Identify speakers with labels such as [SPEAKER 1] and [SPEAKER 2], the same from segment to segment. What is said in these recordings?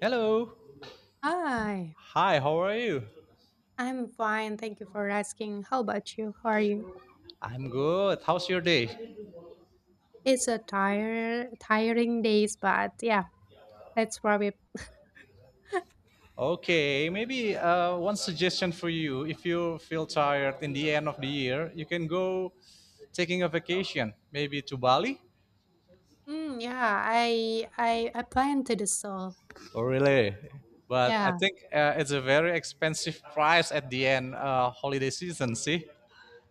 [SPEAKER 1] Hello.
[SPEAKER 2] Hi,
[SPEAKER 1] Hi, how are you?
[SPEAKER 2] I'm fine. Thank you for asking. How about you? How are you?
[SPEAKER 1] I'm good. How's your day?
[SPEAKER 2] It's a tire tiring days, but yeah, that's probably.
[SPEAKER 1] Okay, maybe one suggestion for you. If you feel tired in the end of the year, you can go taking a vacation, maybe to Bali
[SPEAKER 2] Yeah, I plan to do so.
[SPEAKER 1] or really. But I
[SPEAKER 2] Yeah,
[SPEAKER 1] think it's a very expensive price at the end holiday season, see?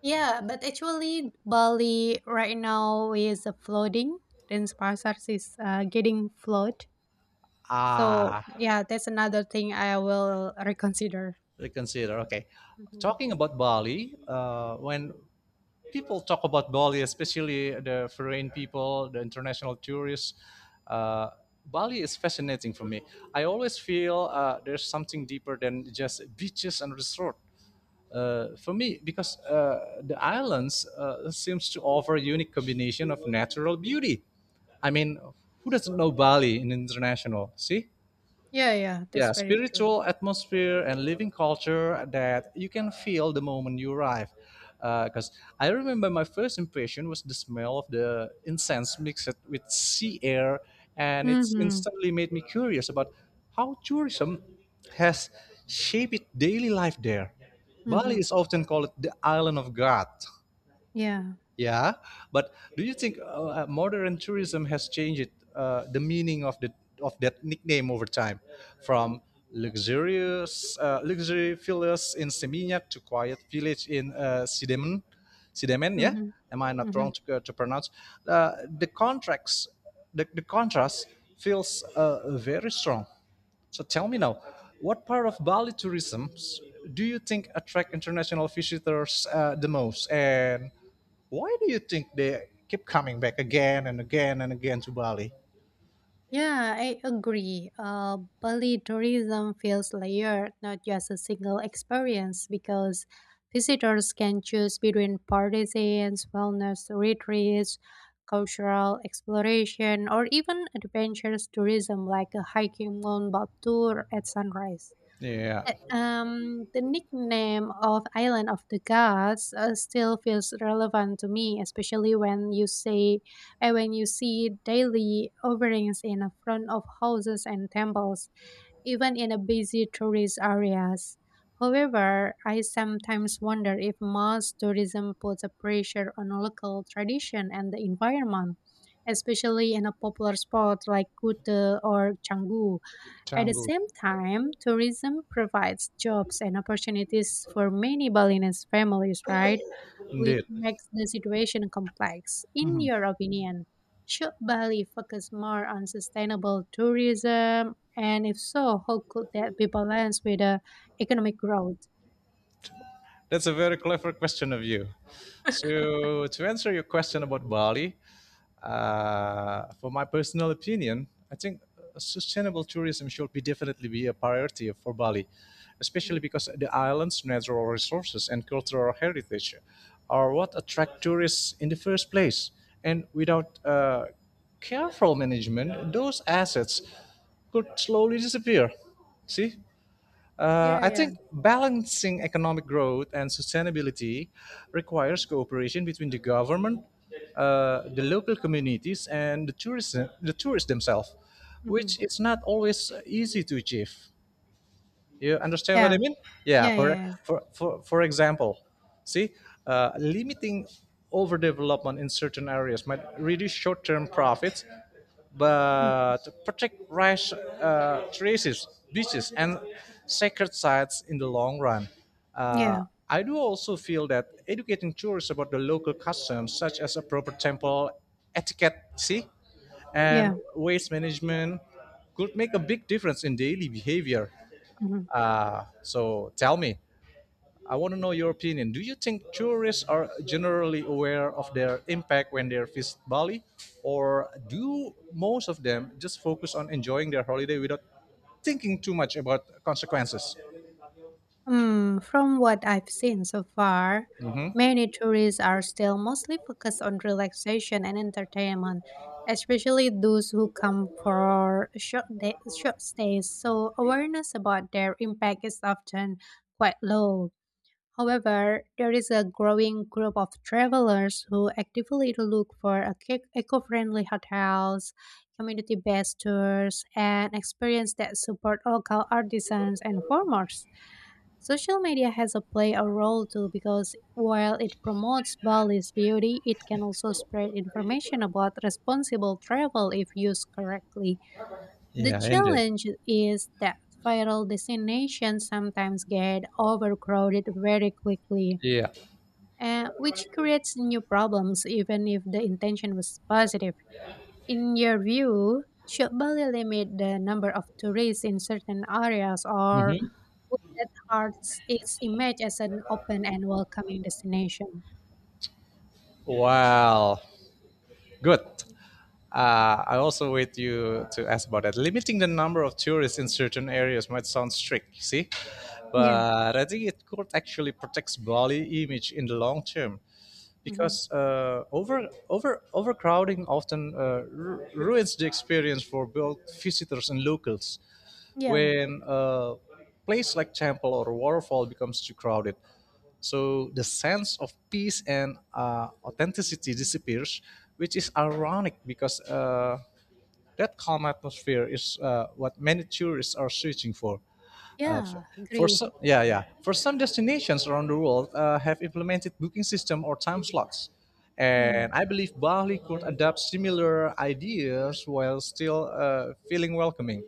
[SPEAKER 2] yeah, but actually Bali right now is flooding. Denpasar is getting flood. So
[SPEAKER 1] Ah,
[SPEAKER 2] yeah, that's another thing I will reconsider.
[SPEAKER 1] reconsider. Okay.
[SPEAKER 2] hmm
[SPEAKER 1] Talking about Bali, when People talk about Bali, especially the foreign people, the international tourists. Uh, Bali is fascinating for me. I always feel there's something deeper than just beaches and resort. For me, because the islands seems to offer a unique combination of natural beauty. I mean, who doesn't know Bali in international? See?
[SPEAKER 2] Yeah, yeah,
[SPEAKER 1] Yeah,
[SPEAKER 2] that's very true.
[SPEAKER 1] spiritual atmosphere and living culture that you can feel the moment you arrive, because I remember my first impression was the smell of the incense mixed with sea air, and it's
[SPEAKER 2] Mm-hmm.
[SPEAKER 1] instantly made me curious about how tourism has shaped daily life there.
[SPEAKER 2] Mm-hmm.
[SPEAKER 1] Bali is often called the island of god.
[SPEAKER 2] Yeah.
[SPEAKER 1] Yeah, but do you think modern tourism has changed the meaning of the of that nickname over time, from luxurious luxury villas in Seminyak to quiet village in Sidemen, Sidemen? Yeah,
[SPEAKER 2] Mm-hmm.
[SPEAKER 1] am I not wrong to pronounce? Uh, the contracts, the contrast feels very strong. So tell me now, what part of Bali tourism do you think attract international visitors the most, and why do you think they keep coming back again and again and again to Bali?
[SPEAKER 2] Yeah, I agree. Bali tourism feels layered, not just a single experience, because visitors can choose between partisans, wellness retreats, cultural exploration, or even adventurous tourism like a hiking Mount Bab tour at sunrise.
[SPEAKER 1] Yeah,
[SPEAKER 2] The nickname of Island of the Gods still feels relevant to me, especially when you say, when you see daily offerings in front of houses and temples, even in a busy tourist areas. However, I sometimes wonder if mass tourism puts a pressure on local tradition and the environment, especially in a popular spot like Kute or Canggu. At the
[SPEAKER 1] Canggu,
[SPEAKER 2] same time, tourism provides jobs and opportunities for many Balinese families, right? Which
[SPEAKER 1] indeed.
[SPEAKER 2] makes the situation complex. In your opinion, should Bali focus more on sustainable tourism? And if so, how could that be balanced with economic growth?
[SPEAKER 1] That's a very clever question of you. So, to answer your question about Bali, for my personal opinion, I think sustainable tourism should be definitely be a priority for Bali, especially
[SPEAKER 2] Mhm.
[SPEAKER 1] because the island's natural resources and cultural heritage are what attract tourists in the first place. And without careful management, those assets could slowly disappear. See?
[SPEAKER 2] Yeah,
[SPEAKER 1] I
[SPEAKER 2] yeah.
[SPEAKER 1] think balancing economic growth and sustainability requires cooperation between the government, the local communities, and the tourists themselves,
[SPEAKER 2] Hmm.
[SPEAKER 1] which is not always easy to achieve. You understand what
[SPEAKER 2] Yeah,
[SPEAKER 1] I mean? Yeah.
[SPEAKER 2] yeah,
[SPEAKER 1] For
[SPEAKER 2] yeah, yeah.
[SPEAKER 1] for for, for example, see, limiting overdevelopment in certain areas might reduce short-term profits,
[SPEAKER 2] Mm.
[SPEAKER 1] but protect rice terraces, beaches, and sacred sites in the long run. Uh,
[SPEAKER 2] Yeah.
[SPEAKER 1] I do also feel that educating tourists about the local customs, such as a proper temple etiquette, see, and
[SPEAKER 2] Yeah.
[SPEAKER 1] waste management, could make a big difference in daily behavior.
[SPEAKER 2] Mhm.
[SPEAKER 1] So tell me, I want to know your opinion. Do you think tourists are generally aware of their impact when they visit Bali, or do most of them just focus on enjoying their holiday without thinking too much about consequences?
[SPEAKER 2] Hmm, from what I've seen so far, many tourists are still mostly focused on relaxation and entertainment, especially those who come for short stays. So, awareness about their impact is often quite low. However, there is a growing group of travelers who actively look for eco-friendly hotels, community-based tours, and experience that support local artisans and farmers. Social media has a play a role too because while it promotes Bali's beauty, it can also spread information about responsible travel if used correctly. The
[SPEAKER 1] Yeah, indeed.
[SPEAKER 2] challenge is that viral destinations sometimes get overcrowded very quickly,
[SPEAKER 1] Yeah.
[SPEAKER 2] which creates new problems even if the intention was positive. In your view, should Bali limit the number of tourists in certain areas, or
[SPEAKER 1] Hmm.
[SPEAKER 2] would that hurt its image as an open and welcoming destination?
[SPEAKER 1] Wow, good. I also with you to ask about that. Limiting the number of tourists in certain areas might sound strict, see,
[SPEAKER 2] Yeah.
[SPEAKER 1] but I think it could actually protect Bali image in the long term,
[SPEAKER 2] Hmm.
[SPEAKER 1] because overcrowding often ruins the experience for both visitors and locals
[SPEAKER 2] Yeah,
[SPEAKER 1] when a place like temple or waterfall becomes too crowded, so the sense of peace and authenticity disappears, which is ironic because that calm atmosphere is what many tourists are searching for. Uh, f-
[SPEAKER 2] yeah,
[SPEAKER 1] for
[SPEAKER 2] agree.
[SPEAKER 1] some, yeah, yeah. For some destinations around the world, have implemented booking system or time slots, and
[SPEAKER 2] Mm.
[SPEAKER 1] I believe Bali could adapt similar ideas while still feeling welcoming.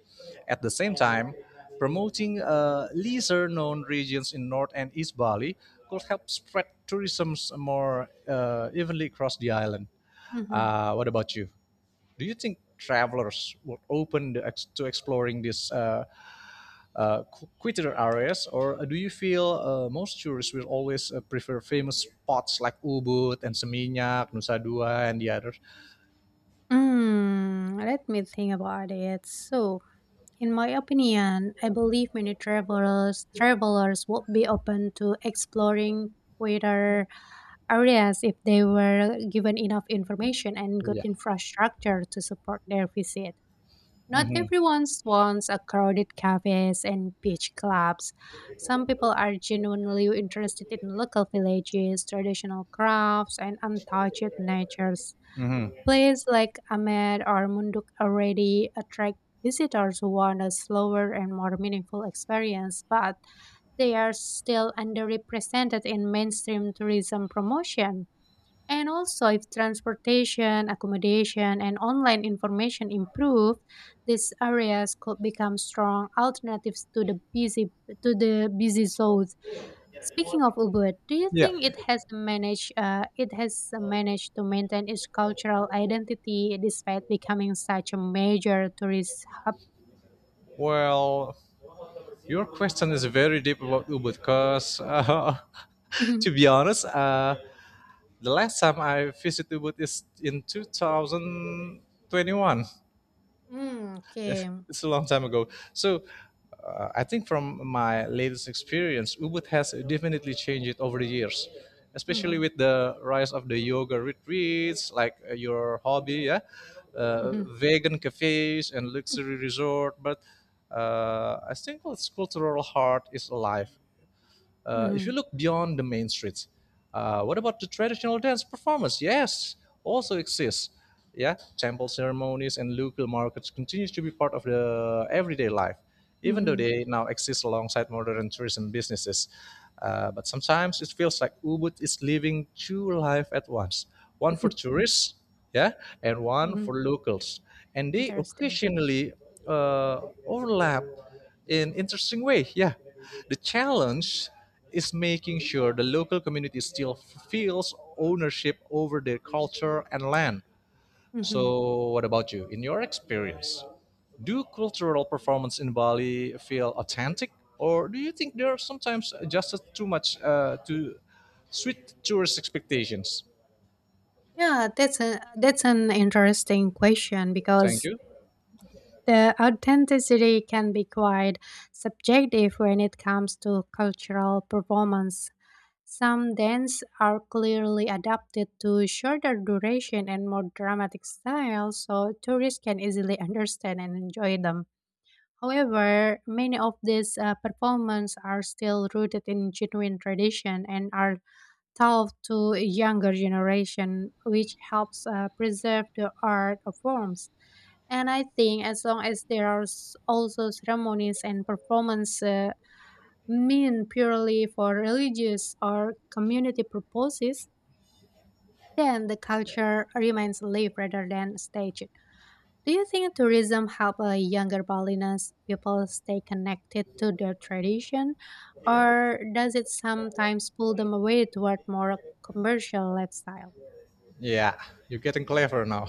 [SPEAKER 1] At the same time, promoting lesser-known regions in North and East Bali could help spread tourism more evenly across the island.
[SPEAKER 2] Mm-hmm.
[SPEAKER 1] What about you? Do you think travelers would open the to exploring these uh, quieter areas, or do you feel most tourists will always prefer famous spots like Ubud and Seminyak, Nusa Dua, and the others?
[SPEAKER 2] Mm, let me think about it. So, in my opinion, I believe many travelers would be open to exploring quieter areas if they were given enough information and good
[SPEAKER 1] Yeah.
[SPEAKER 2] infrastructure to support their visit. Not
[SPEAKER 1] Mm-hmm.
[SPEAKER 2] everyone wants a crowded cafes and beach clubs. Some people are genuinely interested in local villages, traditional crafts, and untouched natures.
[SPEAKER 1] Mm-hmm.
[SPEAKER 2] Places like Ahmed or Munduk already attract visitors who want a slower and more meaningful experience, but they are still underrepresented in mainstream tourism promotion. And also, if transportation, accommodation, and online information improve, these areas could become strong alternatives to the busy zones. Speaking of Ubud, do you
[SPEAKER 1] Yeah.
[SPEAKER 2] think it has managed to maintain its cultural identity despite becoming such a major tourist hub?
[SPEAKER 1] Well, your question is very deep about Ubud because, to
[SPEAKER 2] Mhm.
[SPEAKER 1] be honest, the last time I visited Ubud is in 2021.
[SPEAKER 2] Mm,
[SPEAKER 1] it's
[SPEAKER 2] okay.
[SPEAKER 1] it's a long time ago. So I think from my latest experience, Ubud has definitely changed it over the years, especially
[SPEAKER 2] Mm-hmm.
[SPEAKER 1] with the rise of the yoga retreats, like your hobby, yeah,
[SPEAKER 2] Mm-hmm.
[SPEAKER 1] vegan cafes and luxury resort. But I think its cultural heart is alive. If you
[SPEAKER 2] Mm-hmm.
[SPEAKER 1] look beyond the main streets, what about the traditional dance performance? Yes, also exists. Yeah, temple ceremonies and local markets continues to be part of the everyday life, even though
[SPEAKER 2] Mm-hmm.
[SPEAKER 1] they now exist alongside modern tourism businesses. But sometimes it feels like Ubud is living two life at once, one for tourists, yeah, and one
[SPEAKER 2] Mm-hmm.
[SPEAKER 1] for locals, and they
[SPEAKER 2] Interesting.
[SPEAKER 1] occasionally uh, overlap in interesting way. Yeah, the challenge is making sure the local community still feels ownership over their culture and land.
[SPEAKER 2] Mhm.
[SPEAKER 1] So, what about you? In your experience, do cultural performance in Bali feel authentic, or do you think they're sometimes adjusted too much to sweet tourist expectations?
[SPEAKER 2] Yeah, that's an interesting question
[SPEAKER 1] Thank
[SPEAKER 2] because
[SPEAKER 1] you.
[SPEAKER 2] the authenticity can be quite subjective when it comes to cultural performance. Some dances are clearly adapted to shorter duration and more dramatic styles, so tourists can easily understand and enjoy them. However, many of these performances are still rooted in genuine tradition and are taught to a younger generation, which helps preserve the art of forms. And I think as long as there are also ceremonies and performance mean purely for religious or community purposes, then the culture remains live rather than staged. Do you think tourism help younger Balinese people stay connected to their tradition, or does it sometimes pull them away toward more commercial lifestyle?
[SPEAKER 1] Yeah, you're getting clever now.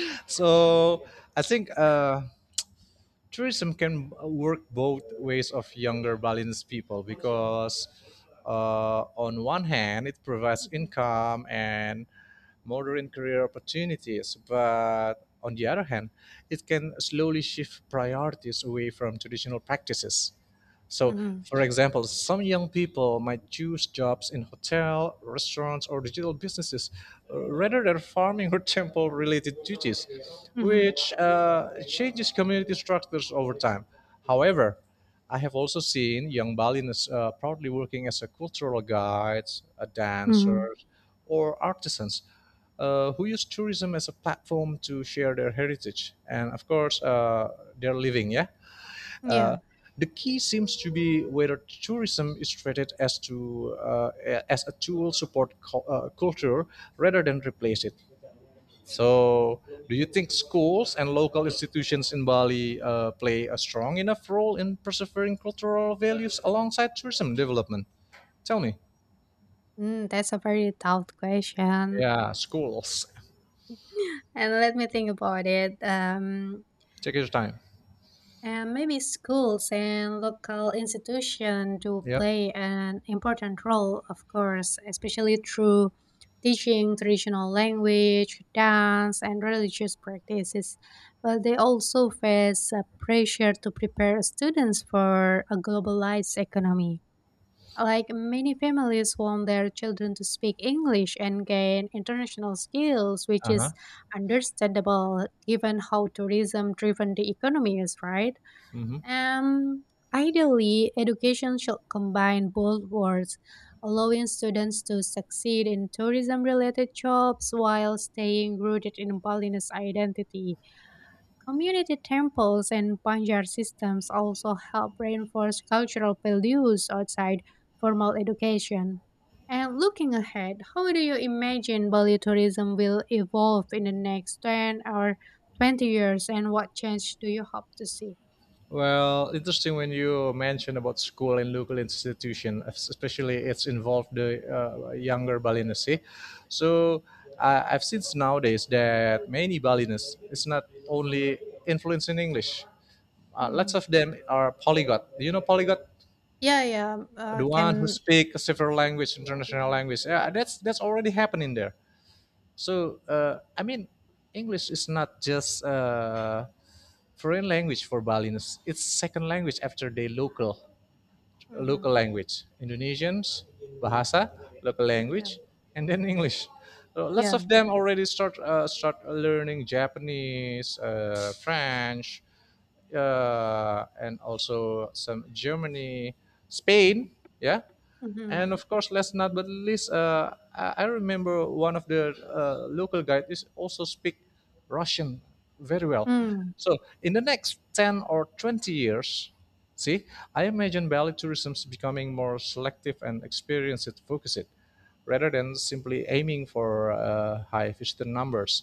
[SPEAKER 1] So, I think. Tourism can work both ways of younger Balinese people because on one hand it provides
[SPEAKER 2] Mhm,
[SPEAKER 1] income and modern career opportunities, but on the other hand it can slowly shift priorities away from traditional practices. So,
[SPEAKER 2] mhm,
[SPEAKER 1] for example, some young people might choose jobs in hotel, restaurants, or digital businesses rather than farming or temple-related duties,
[SPEAKER 2] mhm,
[SPEAKER 1] which changes community structures over time. However, I have also seen young Balinese proudly working as a cultural guides, a
[SPEAKER 2] mhm.
[SPEAKER 1] dancers, or artisans who use tourism as a platform to share their heritage and, of course, their living. Yeah,
[SPEAKER 2] Yeah.
[SPEAKER 1] the key seems to be whether tourism is treated as to as a tool support culture rather than replace it. So, do you think schools and local institutions in Bali play a strong enough role in persevering cultural values alongside tourism development? Tell me.
[SPEAKER 2] Mm, that's a very tough question.
[SPEAKER 1] Yeah, schools.
[SPEAKER 2] And let me think about it.
[SPEAKER 1] Take your time.
[SPEAKER 2] And maybe schools and local institutions do
[SPEAKER 1] Yep.
[SPEAKER 2] play an important role, of course, especially through teaching traditional language, dance, and religious practices. But they also face a pressure to prepare students for a globalized economy. Like many families want their children to speak English and gain international skills, which
[SPEAKER 1] Uh huh.
[SPEAKER 2] is understandable given how tourism driven the economy is, right?
[SPEAKER 1] Hmm.
[SPEAKER 2] Um, Ideally, education should combine both worlds, allowing students to succeed in tourism related jobs while staying rooted in Balinese identity. Community temples and Banjar systems also help reinforce cultural values outside formal education. And looking ahead, how do you imagine Bali tourism will evolve in the next 10 or 20 years, and what change do you hope to see?
[SPEAKER 1] Well, interesting when you mention about school and local institution, especially it's involved the younger Balinese. See? So I've seen nowadays that many Balinese it's not only influenced in English. Lots
[SPEAKER 2] Mhm.
[SPEAKER 1] of them are polyglot. Do you know polyglot?
[SPEAKER 2] Yeah, yeah,
[SPEAKER 1] The one who
[SPEAKER 2] can,
[SPEAKER 1] speak several language,
[SPEAKER 2] yeah.
[SPEAKER 1] international language. Yeah, that's already happening there. So I mean, English is not just foreign language for Balinese. It's second language after their local
[SPEAKER 2] Hmm.
[SPEAKER 1] local language. Indonesians, bahasa, local
[SPEAKER 2] Yeah,
[SPEAKER 1] language, and then English. So lots of
[SPEAKER 2] yeah.
[SPEAKER 1] them already start learning Japanese, French, and also some Germany, Spain. Yeah,
[SPEAKER 2] Hmm.
[SPEAKER 1] and of course, last not but least, I remember one of the local guide is also speak Russian very well.
[SPEAKER 2] Mm.
[SPEAKER 1] So in the next 10 or 20 years, see, I imagine Bali tourism is becoming more selective and experience it focused rather than simply aiming for high visitor numbers.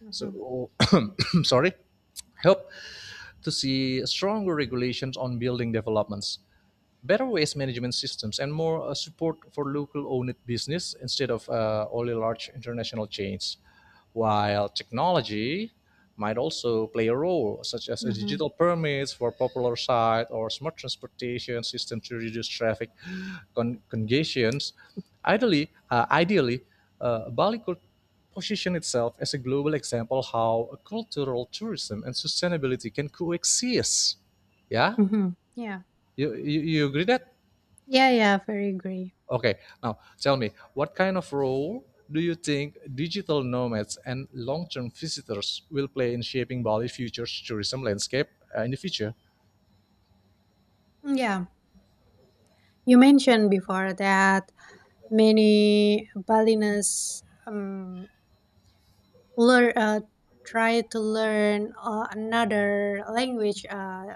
[SPEAKER 2] Hmm.
[SPEAKER 1] So, sorry, help to see stronger regulations on building developments, better waste management systems and more support for local owned business instead of only large international chains. While technology might also play a role, such as a
[SPEAKER 2] Hmm.
[SPEAKER 1] digital permits for popular sites or smart transportation system to reduce traffic congestions. Ideally, Bali could position itself as a global example how cultural tourism and sustainability can coexist. Yeah,
[SPEAKER 2] Hmm. Yeah,
[SPEAKER 1] you agree that?
[SPEAKER 2] yeah, yeah, very agree.
[SPEAKER 1] Okay, now tell me, what kind of role do you think digital nomads and long-term visitors will play in shaping Bali's future tourism landscape in the future?
[SPEAKER 2] Yeah, you mentioned before that many Balinese learn, uh, try to learn another language uh,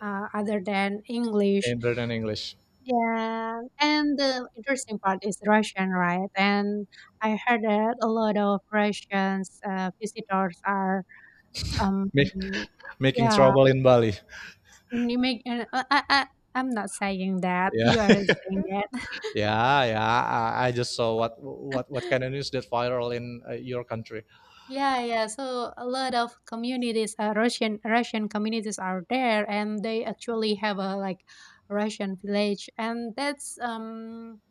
[SPEAKER 2] uh, other than English.
[SPEAKER 1] In Brennan English,
[SPEAKER 2] Yeah, and the interesting part is Russian, right? And I heard that a lot of Russians visitors are, um,
[SPEAKER 1] Make, making
[SPEAKER 2] yeah,
[SPEAKER 1] trouble in Bali.
[SPEAKER 2] you make, I'm not saying that.
[SPEAKER 1] Yeah,
[SPEAKER 2] You are saying that.
[SPEAKER 1] yeah, yeah. I just saw what kind of news that viral in your country.
[SPEAKER 2] Yeah, yeah. So a lot of communities, Russian communities are there, and they actually have a like Russian village, and that's um,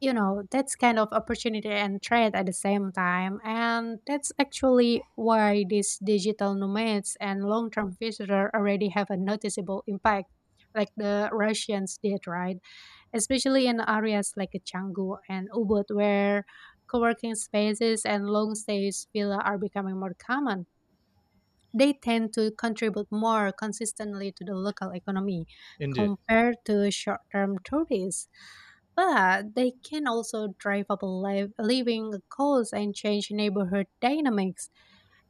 [SPEAKER 2] you know, that's kind of opportunity and threat at the same time, and that's actually why these digital nomads and long-term visitors already have a noticeable impact, like the Russians did, right? Especially in areas like Canggu and Ubud where co-working spaces and long stays villa are becoming more common. They tend to contribute more consistently to the local economy
[SPEAKER 1] Indeed.
[SPEAKER 2] compared to short-term tourists, but they can also drive up living costs and change neighborhood dynamics.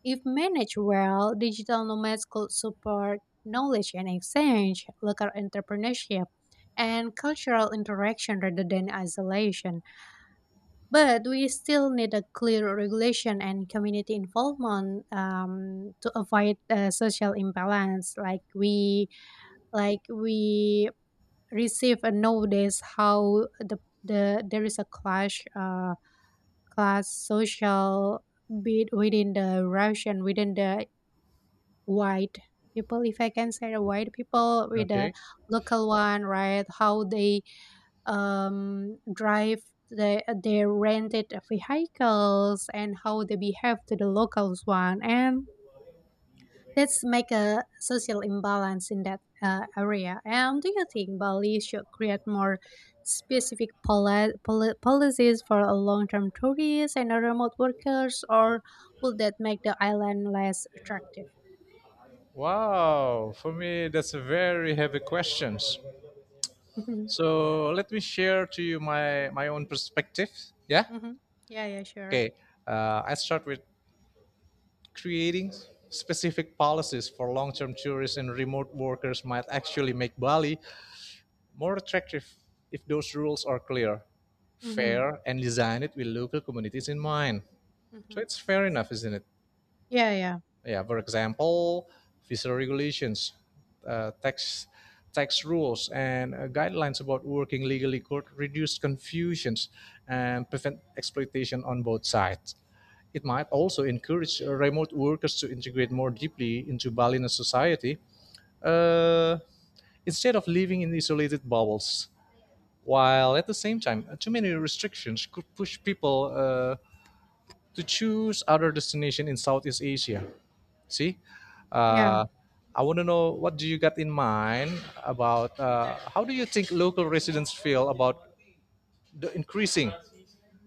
[SPEAKER 2] If managed well, digital nomads could support knowledge and exchange, local entrepreneurship, and cultural interaction rather than isolation. But we still need a clear regulation and community involvement, to avoid social imbalance, like we receive and nowadays how the there is a clash class social bit within the russian within the white people, if I can say, the white people with the
[SPEAKER 1] Okay.
[SPEAKER 2] local one, right? How they drive their rented vehicles and how they behave to the locals one, and let's make a social imbalance in that area. And do you think Bali should create more specific policies for a long-term tourists and a remote workers, or would that make the island less attractive?
[SPEAKER 1] Wow. For me, that's a very heavy questions.
[SPEAKER 2] Hmm.
[SPEAKER 1] So let me share to you my own perspective. Yeah.
[SPEAKER 2] Yeah, yeah, sure.
[SPEAKER 1] Okay, I start with creating specific policies for long-term tourists and remote workers might actually make Bali more attractive if those rules are clear,
[SPEAKER 2] Mm-hmm.
[SPEAKER 1] fair, and designed with local communities in mind. So
[SPEAKER 2] Mm-hmm.
[SPEAKER 1] it's fair enough, isn't it?
[SPEAKER 2] Yeah, yeah,
[SPEAKER 1] Yeah, for example, visa regulations, uh, tax tax rules, and guidelines about working legally could reduce confusions and prevent exploitation on both sides. It might also encourage remote workers to integrate more deeply into Balinese society uh, instead of living in isolated bubbles. While at the same time, too many restrictions could push people to choose other destination in Southeast Asia. See,
[SPEAKER 2] yeah.
[SPEAKER 1] uh, I want to know what do you got in mind about how do you think local residents feel about the increasing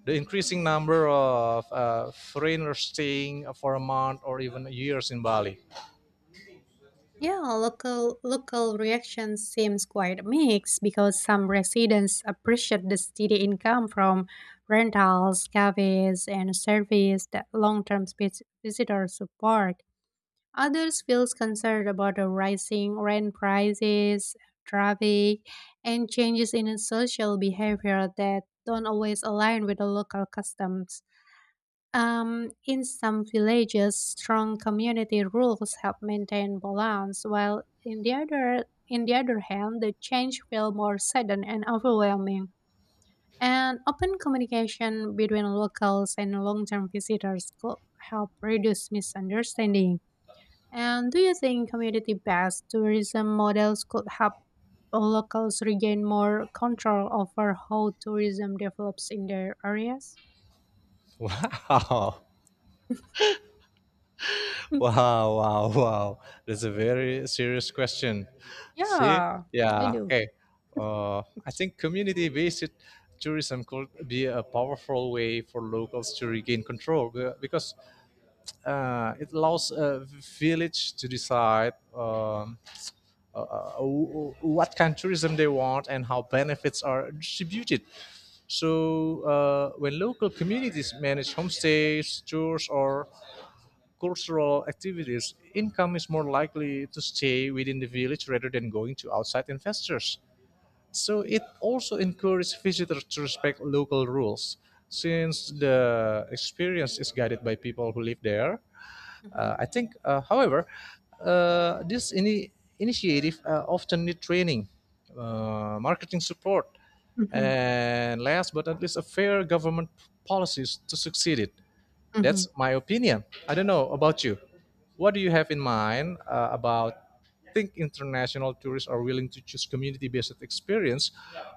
[SPEAKER 1] the increasing number of foreigners staying for a month or even years in Bali?
[SPEAKER 2] Yeah, local reaction seems quite mixed because some residents appreciate the steady income from rentals, cafes, and service that long-term visitors support. Others feel concerned about the rising rent prices, traffic, and changes in social behavior that don't always align with the local customs. In some villages, strong community rules help maintain balance, while in the other hand, the change feel more sudden and overwhelming. And open communication between locals and long-term visitors could help reduce misunderstanding. And do you think community-based tourism models could help locals regain more control over how tourism develops in their areas?
[SPEAKER 1] Wow.
[SPEAKER 2] Mm,
[SPEAKER 1] Wow, wow, wow. That's a very serious question. See?
[SPEAKER 2] yeah, I
[SPEAKER 1] Yeah,
[SPEAKER 2] do.
[SPEAKER 1] okay. I think community based tourism could be a powerful way for locals to regain control because it allows a village to decide what kind of tourism they want and how benefits are distributed. So, when local communities manage homestays, tours, or cultural activities, income is more likely to stay within the village rather than going to outside investors. So it also encourages visitors to respect local rules, since the experience is guided by people who live there.
[SPEAKER 2] Mhm,
[SPEAKER 1] I think, however, this initiative often need training, marketing support,
[SPEAKER 2] mhm,
[SPEAKER 1] and last but not least, a fair government policies to succeed it.
[SPEAKER 2] mhm.
[SPEAKER 1] That's my opinion. I don't know about you. What do you have in mind about think international tourists are willing to choose community-based experience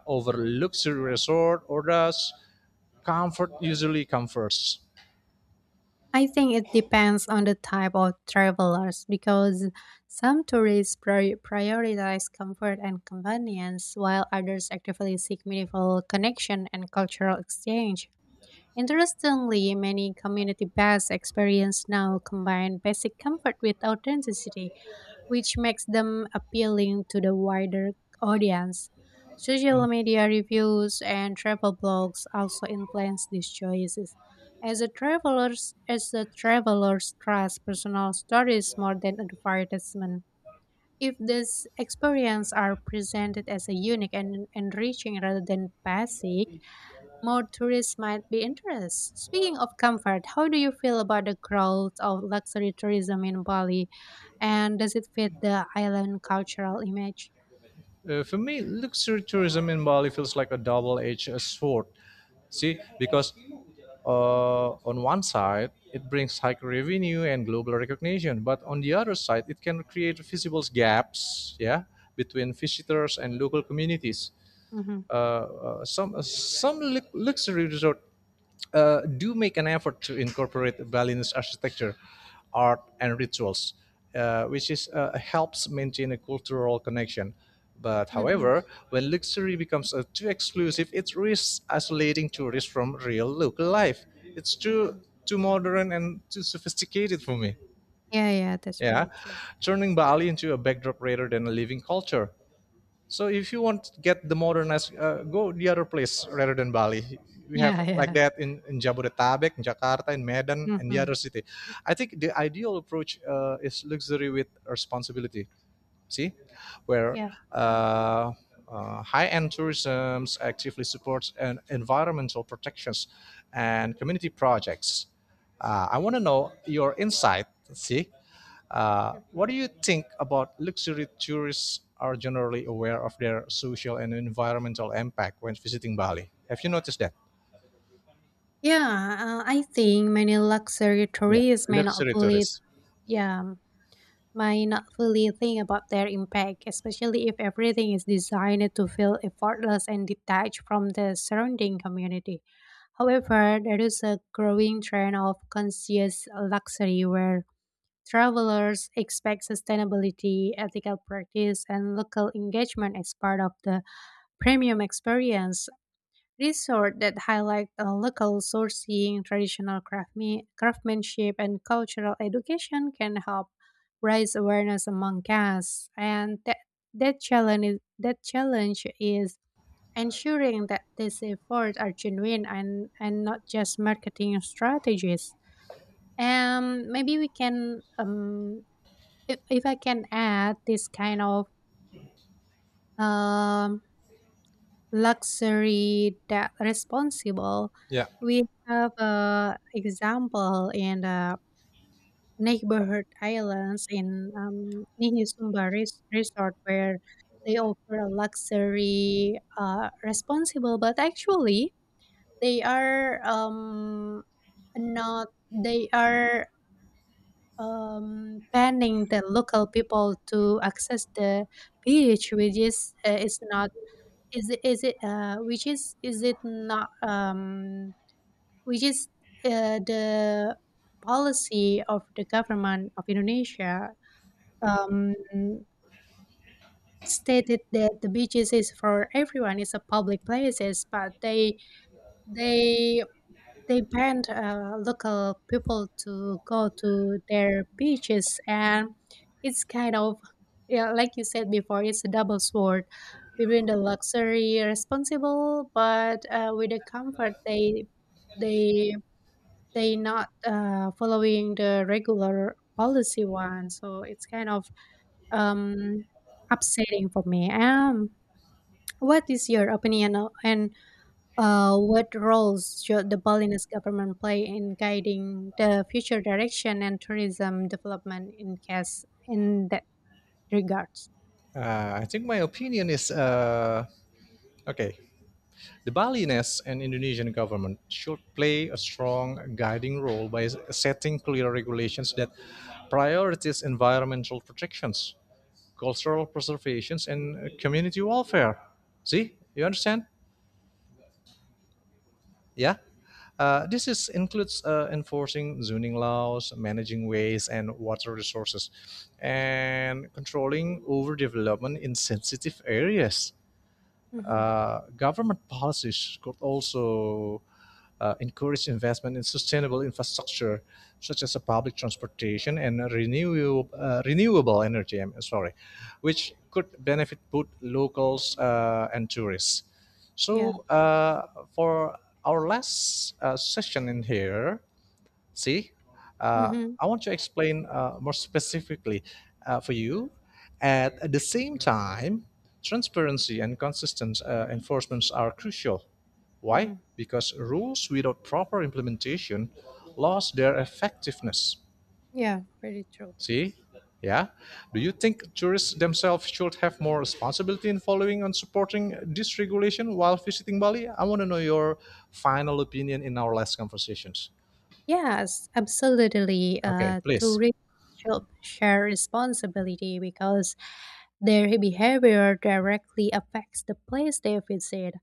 [SPEAKER 1] over luxury resort, or does comfort usually come first?
[SPEAKER 2] I think it depends on the type of travelers because some tourists prioritize comfort and convenience, while others actively seek meaningful connection and cultural exchange. Interestingly, many community based experiences now combine basic comfort with authenticity, which makes them appealing to the wider audience. Social media reviews and travel blogs also influence these choices. As a traveler's as the travelers trust personal stories more than advertisement. If these experiences are presented as a unique and enriching rather than basic, more tourists might be interested. Speaking of comfort, how do you feel about the growth of luxury tourism in Bali, and does it fit the island cultural image?
[SPEAKER 1] For me, luxury tourism in Bali feels like a double-edged sword. See, because on one side it brings high revenue and global recognition, but on the other side it can create visible gaps, yeah, between visitors and local communities.
[SPEAKER 2] Mm-hmm.
[SPEAKER 1] Luxury resort do make an effort to incorporate Balinese architecture, art, and rituals, which, is, helps maintain a cultural connection. But
[SPEAKER 2] Mm-hmm.
[SPEAKER 1] however, when luxury becomes too exclusive, it risks isolating tourists from real local life. It's too
[SPEAKER 2] Mm-hmm.
[SPEAKER 1] too modern and too sophisticated for me.
[SPEAKER 2] Yeah, yeah, that's
[SPEAKER 1] Yeah,
[SPEAKER 2] very true.
[SPEAKER 1] turning Bali into a backdrop rather than a living culture. So if you want to get the modernized, go the other place rather than Bali. We have
[SPEAKER 2] Yeah,
[SPEAKER 1] like
[SPEAKER 2] yeah.
[SPEAKER 1] that in Jabodetabek, in Jakarta, in Medan, and the
[SPEAKER 2] Mm-hmm.
[SPEAKER 1] other city. I think the ideal approach is luxury with responsibility, see, where
[SPEAKER 2] Yeah.
[SPEAKER 1] uh, high-end tourism actively supports an environmental protections and community projects. I want to know your insight. See, what
[SPEAKER 2] Mhm.
[SPEAKER 1] do you think about luxury tourists are generally aware of their social and environmental impact when visiting Bali? Have you noticed that?
[SPEAKER 2] Yeah, I think many luxury
[SPEAKER 1] Yeah,
[SPEAKER 2] tourists may not
[SPEAKER 1] luxury
[SPEAKER 2] fully,
[SPEAKER 1] tourists.
[SPEAKER 2] yeah, might not fully think about their impact, especially if everything is designed to feel effortless and detached from the surrounding community. However, there is a growing trend of conscious luxury where travelers expect sustainability, ethical practice, and local engagement as part of the premium experience. Resort that highlight local sourcing, traditional craftsmanship, and cultural education can help raise awareness among guests. And that challenge is ensuring that these efforts are genuine and not just marketing strategies. And maybe we can if I can add this kind of um luxury that responsible.
[SPEAKER 1] Yeah,
[SPEAKER 2] We have a example in the neighborhood islands in Resort, where they offer a luxury responsible, but actually they are not they are banning the local people to access the beach, which is not is it is it, which is it not, which is, the policy of the government of Indonesia, um, stated that the beaches is for everyone, it's a public places, but they they banned local people to go to their beaches, and it's kind of, yeah, like you said before, it's a double sword between the luxury responsible but with the comfort they they not following the regular policy one, so it's kind of um upsetting for me. What is your opinion, o- and what roles should the Balinese government play in guiding the future direction and tourism development in case in that regards?
[SPEAKER 1] I think my opinion is okay. The Balinese and Indonesian government should play a strong guiding role by setting clear regulations that prioritize environmental protections, cultural preservations, and community welfare. See, you understand? Yeah. This includes enforcing zoning laws, managing waste and water resources, and controlling overdevelopment in sensitive areas.
[SPEAKER 2] Hmm.
[SPEAKER 1] Government policies could also encourage investment in sustainable infrastructure such as a public transportation and renewable energy. I'm sorry, which could benefit both locals and tourists.
[SPEAKER 2] Yeah.
[SPEAKER 1] So for our last session in here, see, uh,
[SPEAKER 2] Hmm.
[SPEAKER 1] I want to explain more specifically for you. At the same time, transparency and consistent enforcements are crucial. Why?
[SPEAKER 2] Hmm.
[SPEAKER 1] Because rules without proper implementation lose their effectiveness.
[SPEAKER 2] Yeah. Very true.
[SPEAKER 1] See? Yeah. Do you think tourists themselves should have more responsibility in following and supporting this regulation while visiting Bali? I want to know your final opinion in our last conversations.
[SPEAKER 2] Yes, absolutely.
[SPEAKER 1] Okay, please.
[SPEAKER 2] Tourists should share responsibility because their behavior directly affects the place they visit.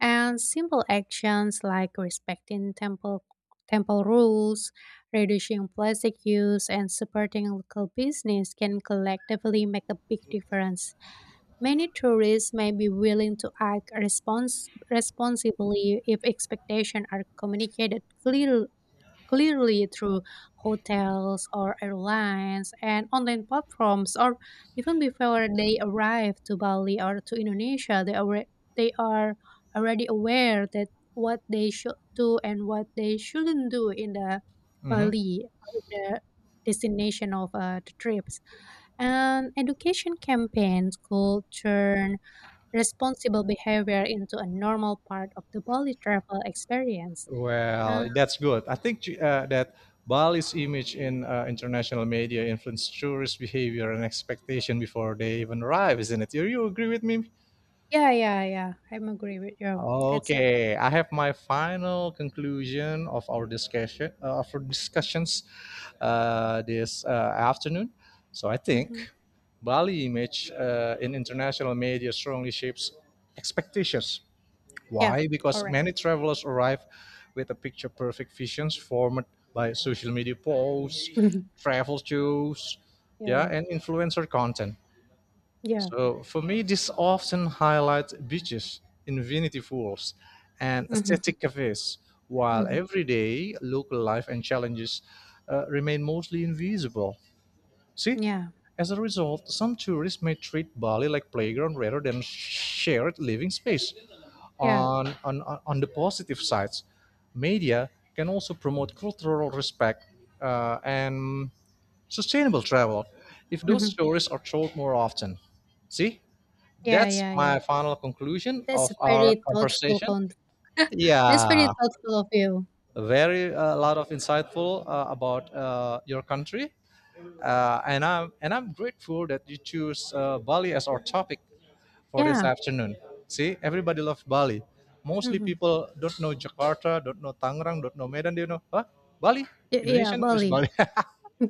[SPEAKER 2] And simple actions like respecting temple rules, reducing plastic use, and supporting local business can collectively make a big difference. Many tourists may be willing to act responsibly if expectations are communicated clearly through hotels or airlines and online platforms, or even before they arrive to Bali or to Indonesia, they are already aware that what they should do and what they shouldn't do in the
[SPEAKER 1] Hmm.
[SPEAKER 2] Bali or in the destination of the trips. And education campaigns could turn responsible behavior into a normal part of the Bali travel experience. Uh,
[SPEAKER 1] Well, that's good. I think that Bali's image in international media influenced tourist behavior and expectation before they even arrive, isn't it? Do you agree with me?
[SPEAKER 2] Yeah, yeah, yeah, I'm agree with you. That's a
[SPEAKER 1] Okay, I have my final conclusion of our discussion of our discussions this afternoon. So I
[SPEAKER 2] mhm.
[SPEAKER 1] think Bali image in international media strongly shapes expectations.
[SPEAKER 2] Yeah,
[SPEAKER 1] Why? Because
[SPEAKER 2] correct.
[SPEAKER 1] many travelers arrive with a picture perfect visions formed by social media posts,
[SPEAKER 2] Mhm.
[SPEAKER 1] travel shows, yeah,
[SPEAKER 2] Yeah,
[SPEAKER 1] and influencer content.
[SPEAKER 2] yeah.
[SPEAKER 1] So for me, this often highlights beaches, infinity pools, and
[SPEAKER 2] Mhm,
[SPEAKER 1] aesthetic cafes, while
[SPEAKER 2] mhm.
[SPEAKER 1] everyday local life and challenges remain mostly invisible. See,
[SPEAKER 2] Yeah,
[SPEAKER 1] as a result, some tourists may treat Bali like playground rather than shared living space.
[SPEAKER 2] yeah.
[SPEAKER 1] On, on, on the positive sides, media can also promote cultural respect and sustainable travel if those
[SPEAKER 2] Mhm.
[SPEAKER 1] stories are told more often. See,
[SPEAKER 2] Yeah,
[SPEAKER 1] that's
[SPEAKER 2] yeah, yeah.
[SPEAKER 1] my final conclusion
[SPEAKER 2] That's
[SPEAKER 1] of
[SPEAKER 2] a
[SPEAKER 1] our
[SPEAKER 2] very thoughtful
[SPEAKER 1] conversation.
[SPEAKER 2] con that's very
[SPEAKER 1] Yeah,
[SPEAKER 2] thoughtful of you.
[SPEAKER 1] very a lot of insightful about your country and I'm grateful that you choose Bali as our topic for this
[SPEAKER 2] Yeah,
[SPEAKER 1] afternoon. See, everybody loves Bali. Mostly
[SPEAKER 2] mhm.
[SPEAKER 1] people don't know Jakarta, don't know Tangerang, don't know Medan. They know, huh? Bali,
[SPEAKER 2] Yeah,
[SPEAKER 1] Indonesian which
[SPEAKER 2] Bali.
[SPEAKER 1] Bali.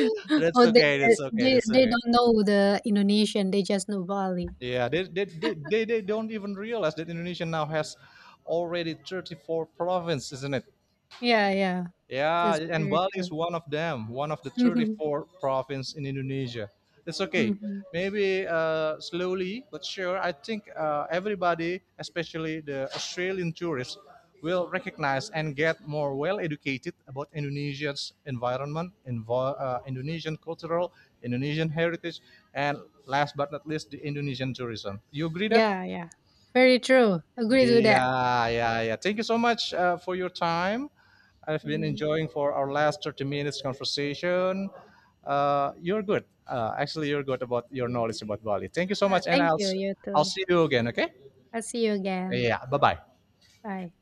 [SPEAKER 1] That's
[SPEAKER 2] Oh,
[SPEAKER 1] okay. That's okay. That's
[SPEAKER 2] they
[SPEAKER 1] okay.
[SPEAKER 2] don't know the Indonesian, they just know Bali.
[SPEAKER 1] Yeah, they don't even realize that Indonesia now has already 34 provinces, isn't it?
[SPEAKER 2] Yeah, yeah.
[SPEAKER 1] Yeah,
[SPEAKER 2] That's
[SPEAKER 1] and
[SPEAKER 2] very
[SPEAKER 1] Bali is
[SPEAKER 2] true.
[SPEAKER 1] one of them, one of the 34 province in Indonesia. It's okay.
[SPEAKER 2] Mhm.
[SPEAKER 1] Maybe slowly but sure, I think everybody, especially the Australian tourists, will recognize and get more well educated about Indonesia's environment, Indonesian cultural, Indonesian heritage, and last but not least, the Indonesian tourism. You agree that?
[SPEAKER 2] Yeah, yeah. Very true. Agree to that.
[SPEAKER 1] Yeah, yeah, yeah. Thank you so much for your time. I've been
[SPEAKER 2] Mhm.
[SPEAKER 1] enjoying for our last 30 minutes conversation. You're good. Actually, you're good about your knowledge about Bali. Thank you so
[SPEAKER 2] Ah,
[SPEAKER 1] much, and
[SPEAKER 2] thank you. You
[SPEAKER 1] I'll
[SPEAKER 2] too.
[SPEAKER 1] see you again. Okay?
[SPEAKER 2] I'll see you again.
[SPEAKER 1] Yeah. Bye bye.
[SPEAKER 2] Bye.